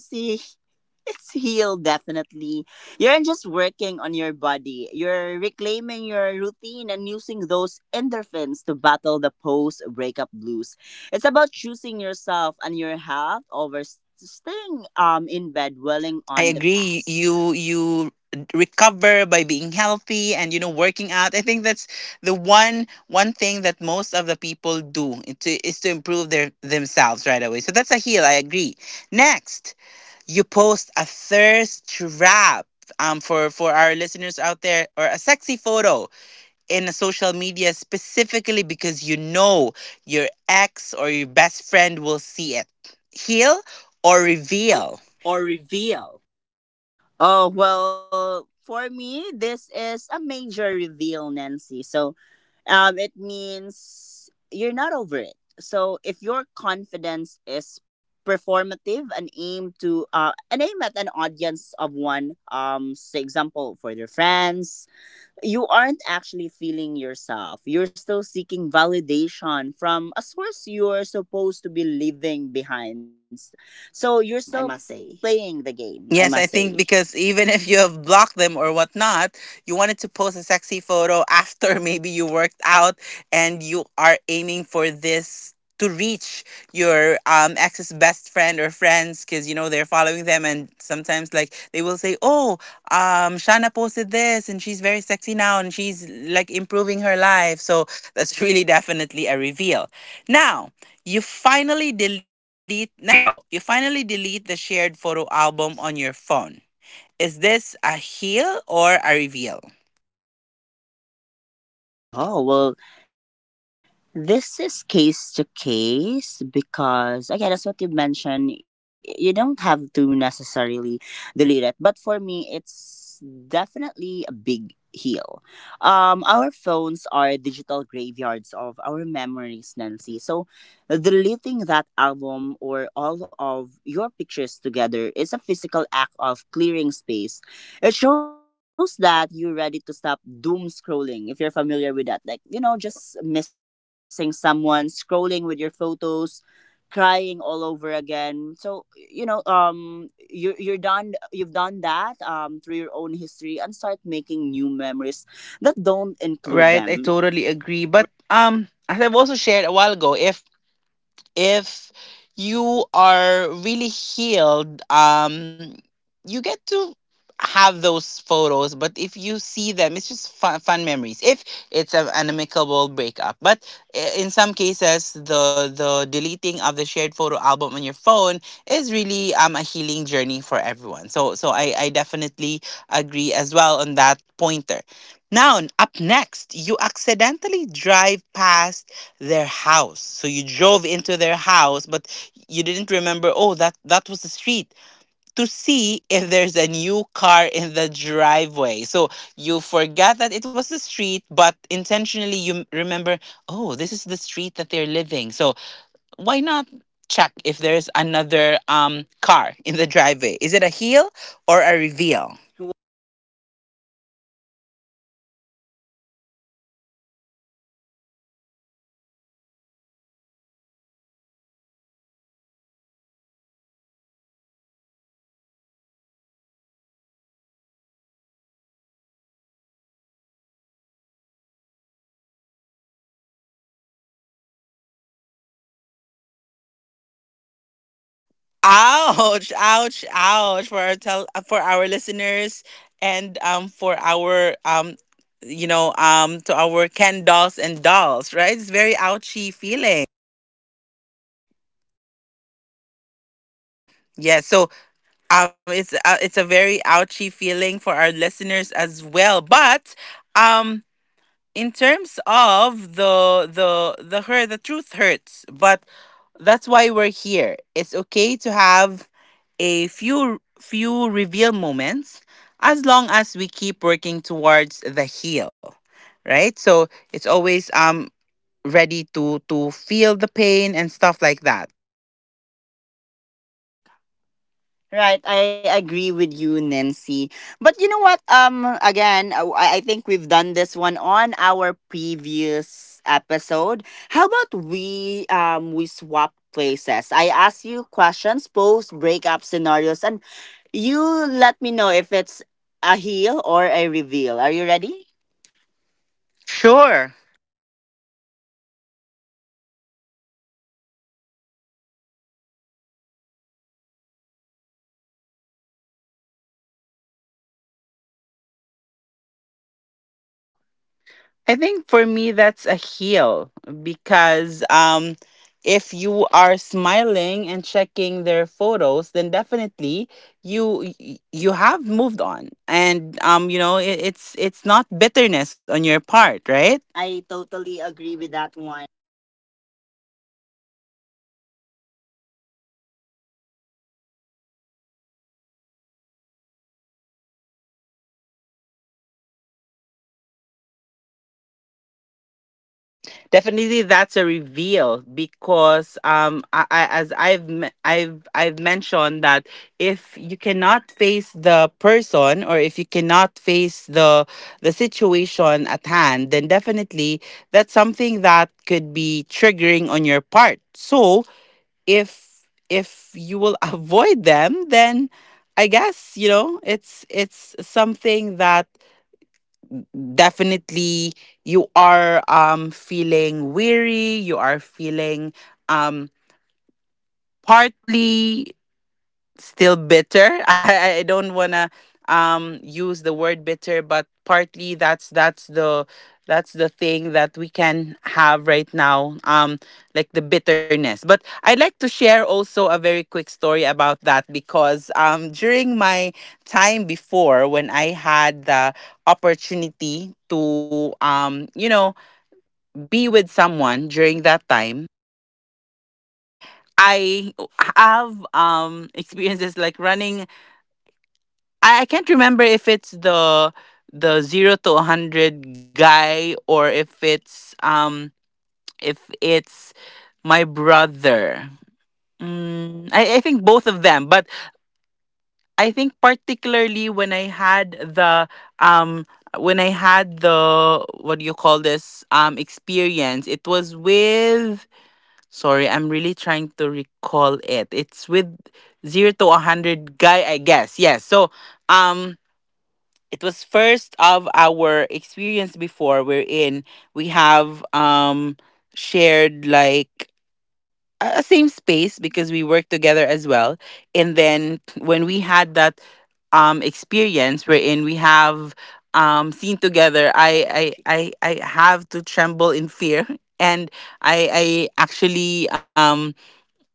S2: it's healed, definitely. You're just working on your body. You're reclaiming your routine and using those endorphins to battle the post breakup blues. It's about choosing yourself and your health over staying in bed dwelling
S1: I
S2: on the
S1: agree.
S2: past.
S1: You recover by being healthy and you know, working out. I think that's the one thing that most of the people do, is to improve their themselves right away. So that's a heal. I agree. Next, you post a thirst trap. For our listeners out there, or a sexy photo in a social media specifically because you know your ex or your best friend will see it. Heal or
S2: Heal
S1: reveal?
S2: or reveal? Oh, well, for me, this is a major reveal, Nancy. So it means you're not over it. So if your confidence is performative and aim to an aim at an audience of one, say example for their friends, you aren't actually feeling yourself. You're still seeking validation from a source you're supposed to be leaving behind. So you're still
S1: I must say,
S2: playing the game, I must
S1: yes, I
S2: say.
S1: think because even if you have blocked them or whatnot, you wanted to post a sexy photo after maybe you worked out, and you are aiming for this to reach your ex's best friend or friends, because you know they're following them, and sometimes like they will say, oh, um, Shana posted this and she's very sexy now and she's like improving her life. So that's really definitely a reveal. Now, next scenario, you finally delete the shared photo album on your phone. Is this a heal or a reveal?
S2: Oh well, this is case to case because, again, as what you mentioned, you don't have to necessarily delete it. But for me, it's definitely a big heal. Our phones are digital graveyards of our memories, Nancy. So deleting that album or all of your pictures together is a physical act of clearing space. It shows that you're ready to stop doom scrolling if you're familiar with that. Like, you know, just missing someone, scrolling with your photos, crying all over again. So, you know, you are, you're done, you've done that, through your own history and start making new memories that don't include
S1: Right,
S2: them.
S1: I totally agree. But as I've also shared a while ago, if you are really healed, um, you get to have those photos, but if you see them it's just fun, fun memories if it's a, an amicable breakup. But in some cases, the deleting of the shared photo album on your phone is really a healing journey for everyone. So I definitely agree as well on that pointer. Now up next, you accidentally drive past their house. So you drove into their house, but you didn't remember, oh, that, that was the street, to see if there's a new car in the driveway. So you forgot that it was the street, but intentionally you remember, oh, this is the street that they're living. So why not check if there's another car in the driveway? Is it a heel or a reveal?
S2: Well, that's so funny, Nancy. For me, it's definitely a reveal because we've all been there, you know. But let's be real. That's not an accident. It's a sign that you're still looking for answer or pain in places you don't belong anymore. It reveals that the curiosity is still stronger than your commitments to move on because you still care.
S1: Ouch, ouch, ouch for our for our listeners, and for our you know, to our Ken dolls and dolls, right? It's very ouchy feeling. Yeah, so it's a very ouchy feeling for our listeners as well. But um in terms of the the hurt, the truth hurts, but that's why we're here. It's okay to have a few reveal moments as long as we keep working towards the heal. Right? So it's always ready to feel the pain and stuff like that. Right, I agree with you, Nancy. But you know what? Again, I think we've done this one on our previous episode. How about we swap places? I ask you questions, post breakup scenarios, and you let me know if it's a heel or a reveal. Are you ready? Sure. I think for me that's a heel because if you are smiling and checking their photos, then definitely you have moved on, and it's not bitterness on your part, right? I totally agree with that. Definitely, that's a reveal because I as I've me- I've mentioned that if you cannot face the person, or if you cannot face the situation at hand, then definitely that's something that could be triggering on your part. So if you will avoid them, then I guess you know it's something that definitely you are feeling weary, you are feeling um partly still bitter. I don't wanna use the word bitter, but partly that's the thing that we can have right now. Like the bitterness. But I'd like to share also a very quick story about that because during my time before, when I had the opportunity to be with someone during that time, I have experiences like running. I can't remember if it's the zero to a hundred guy or if it's my brother. Mm, I think both of them, but I think particularly when I had the um when I had the what do you call this experience, it was with, sorry, I'm really trying to recall it. It's with zero to a hundred guy, I guess. Yes. So um it was first of our experience before, wherein we have shared like a same space because we worked together as well. And then when we had that experience wherein we have seen together, i i, I have to tremble in fear and I actually um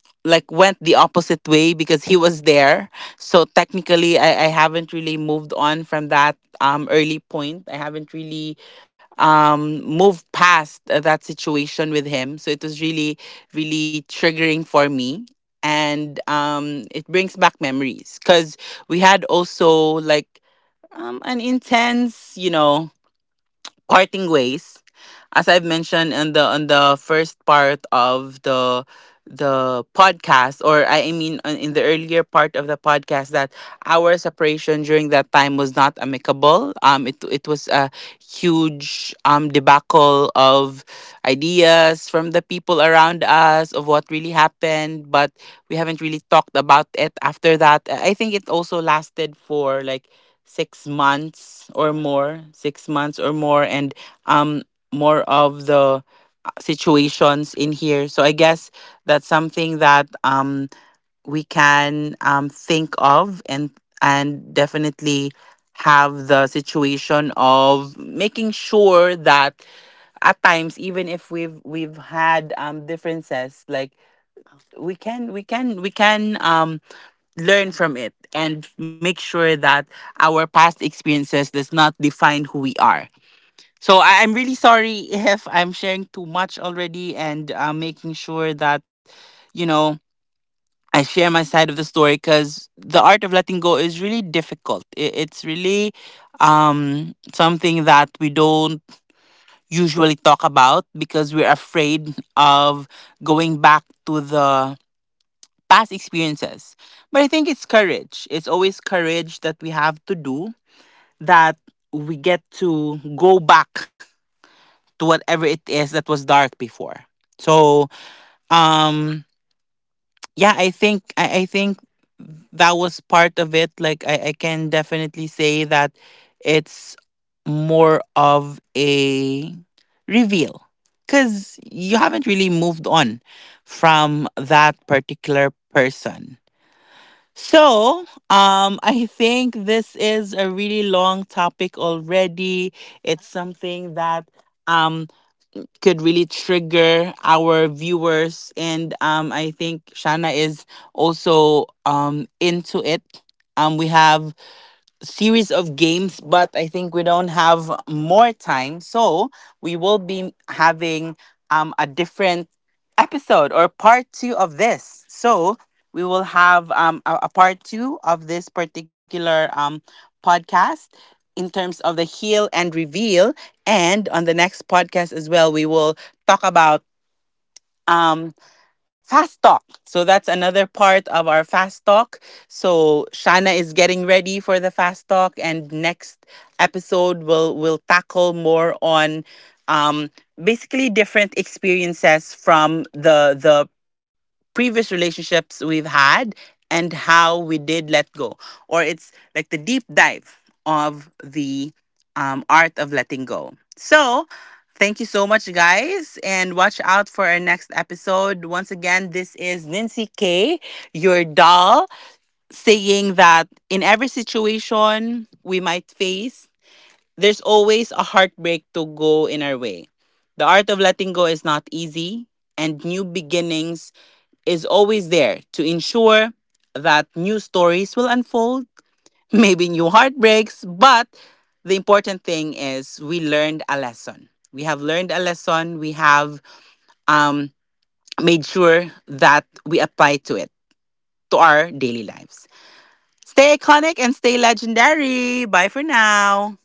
S1: like went the opposite way because he was there. So technically I haven't really moved on from that early point. I haven't really moved past that situation with him. So it was really really triggering for me, and it brings back memories cuz we had also like an intense, you know, parting ways, as I've mentioned on the first part of the podcast, or I mean in the earlier part of the podcast, that our separation during that time was not amicable. It was a huge debacle of ideas from the people around us of what really happened, but we haven't really talked about it after that. I think it also lasted for like 6 months or more, 6 months or more, and um more of the situations in here. So I guess that's something that we can think of, and definitely have the situation of making sure that at times, even if we've had differences, like we can learn from it and make sure that our past experiences does not define who we are. So I'm really sorry if I'm sharing too much already, and making sure that you know I share my side of the story, because the art of letting go is really difficult. It's really something that we don't usually talk about because we're afraid of going back to the past experiences. But I think it's courage. It's always courage that we have to do, that we get to go back to whatever it is that was dark before. So, um, yeah, I think I think that was part of it. Like I can definitely say that it's more of a reveal because you haven't really moved on from that particular person. So, I think this is a really long topic already. It's something that um could really trigger our viewers, and I think Shana is also into it. We have series of games, but I think we don't have more time. So we will be having a different episode, or part two of this. So we will have a part two of this particular podcast in terms of the heal and reveal. And on the next podcast as well, we will talk about. Um, Fast talk. So that's another part of our fast talk. So Shana is getting ready for the fast talk, and next episode will tackle more on um, basically different experiences from the previous relationships we've had, and how we did let go. Or it's like the deep dive of the art of letting go. So, thank you so much, guys, and watch out for our next episode. Once again, this is Nancy K, your doll, saying that in every situation we might face, there's always a heartbreak to go in our way. The art of letting go is not easy, and new beginnings is always there to ensure that new stories will unfold, maybe new heartbreaks, but the important thing is we learned a lesson. We have learned a lesson. We have um, made sure that we apply to it to our daily lives. Stay iconic and stay legendary. Bye for now.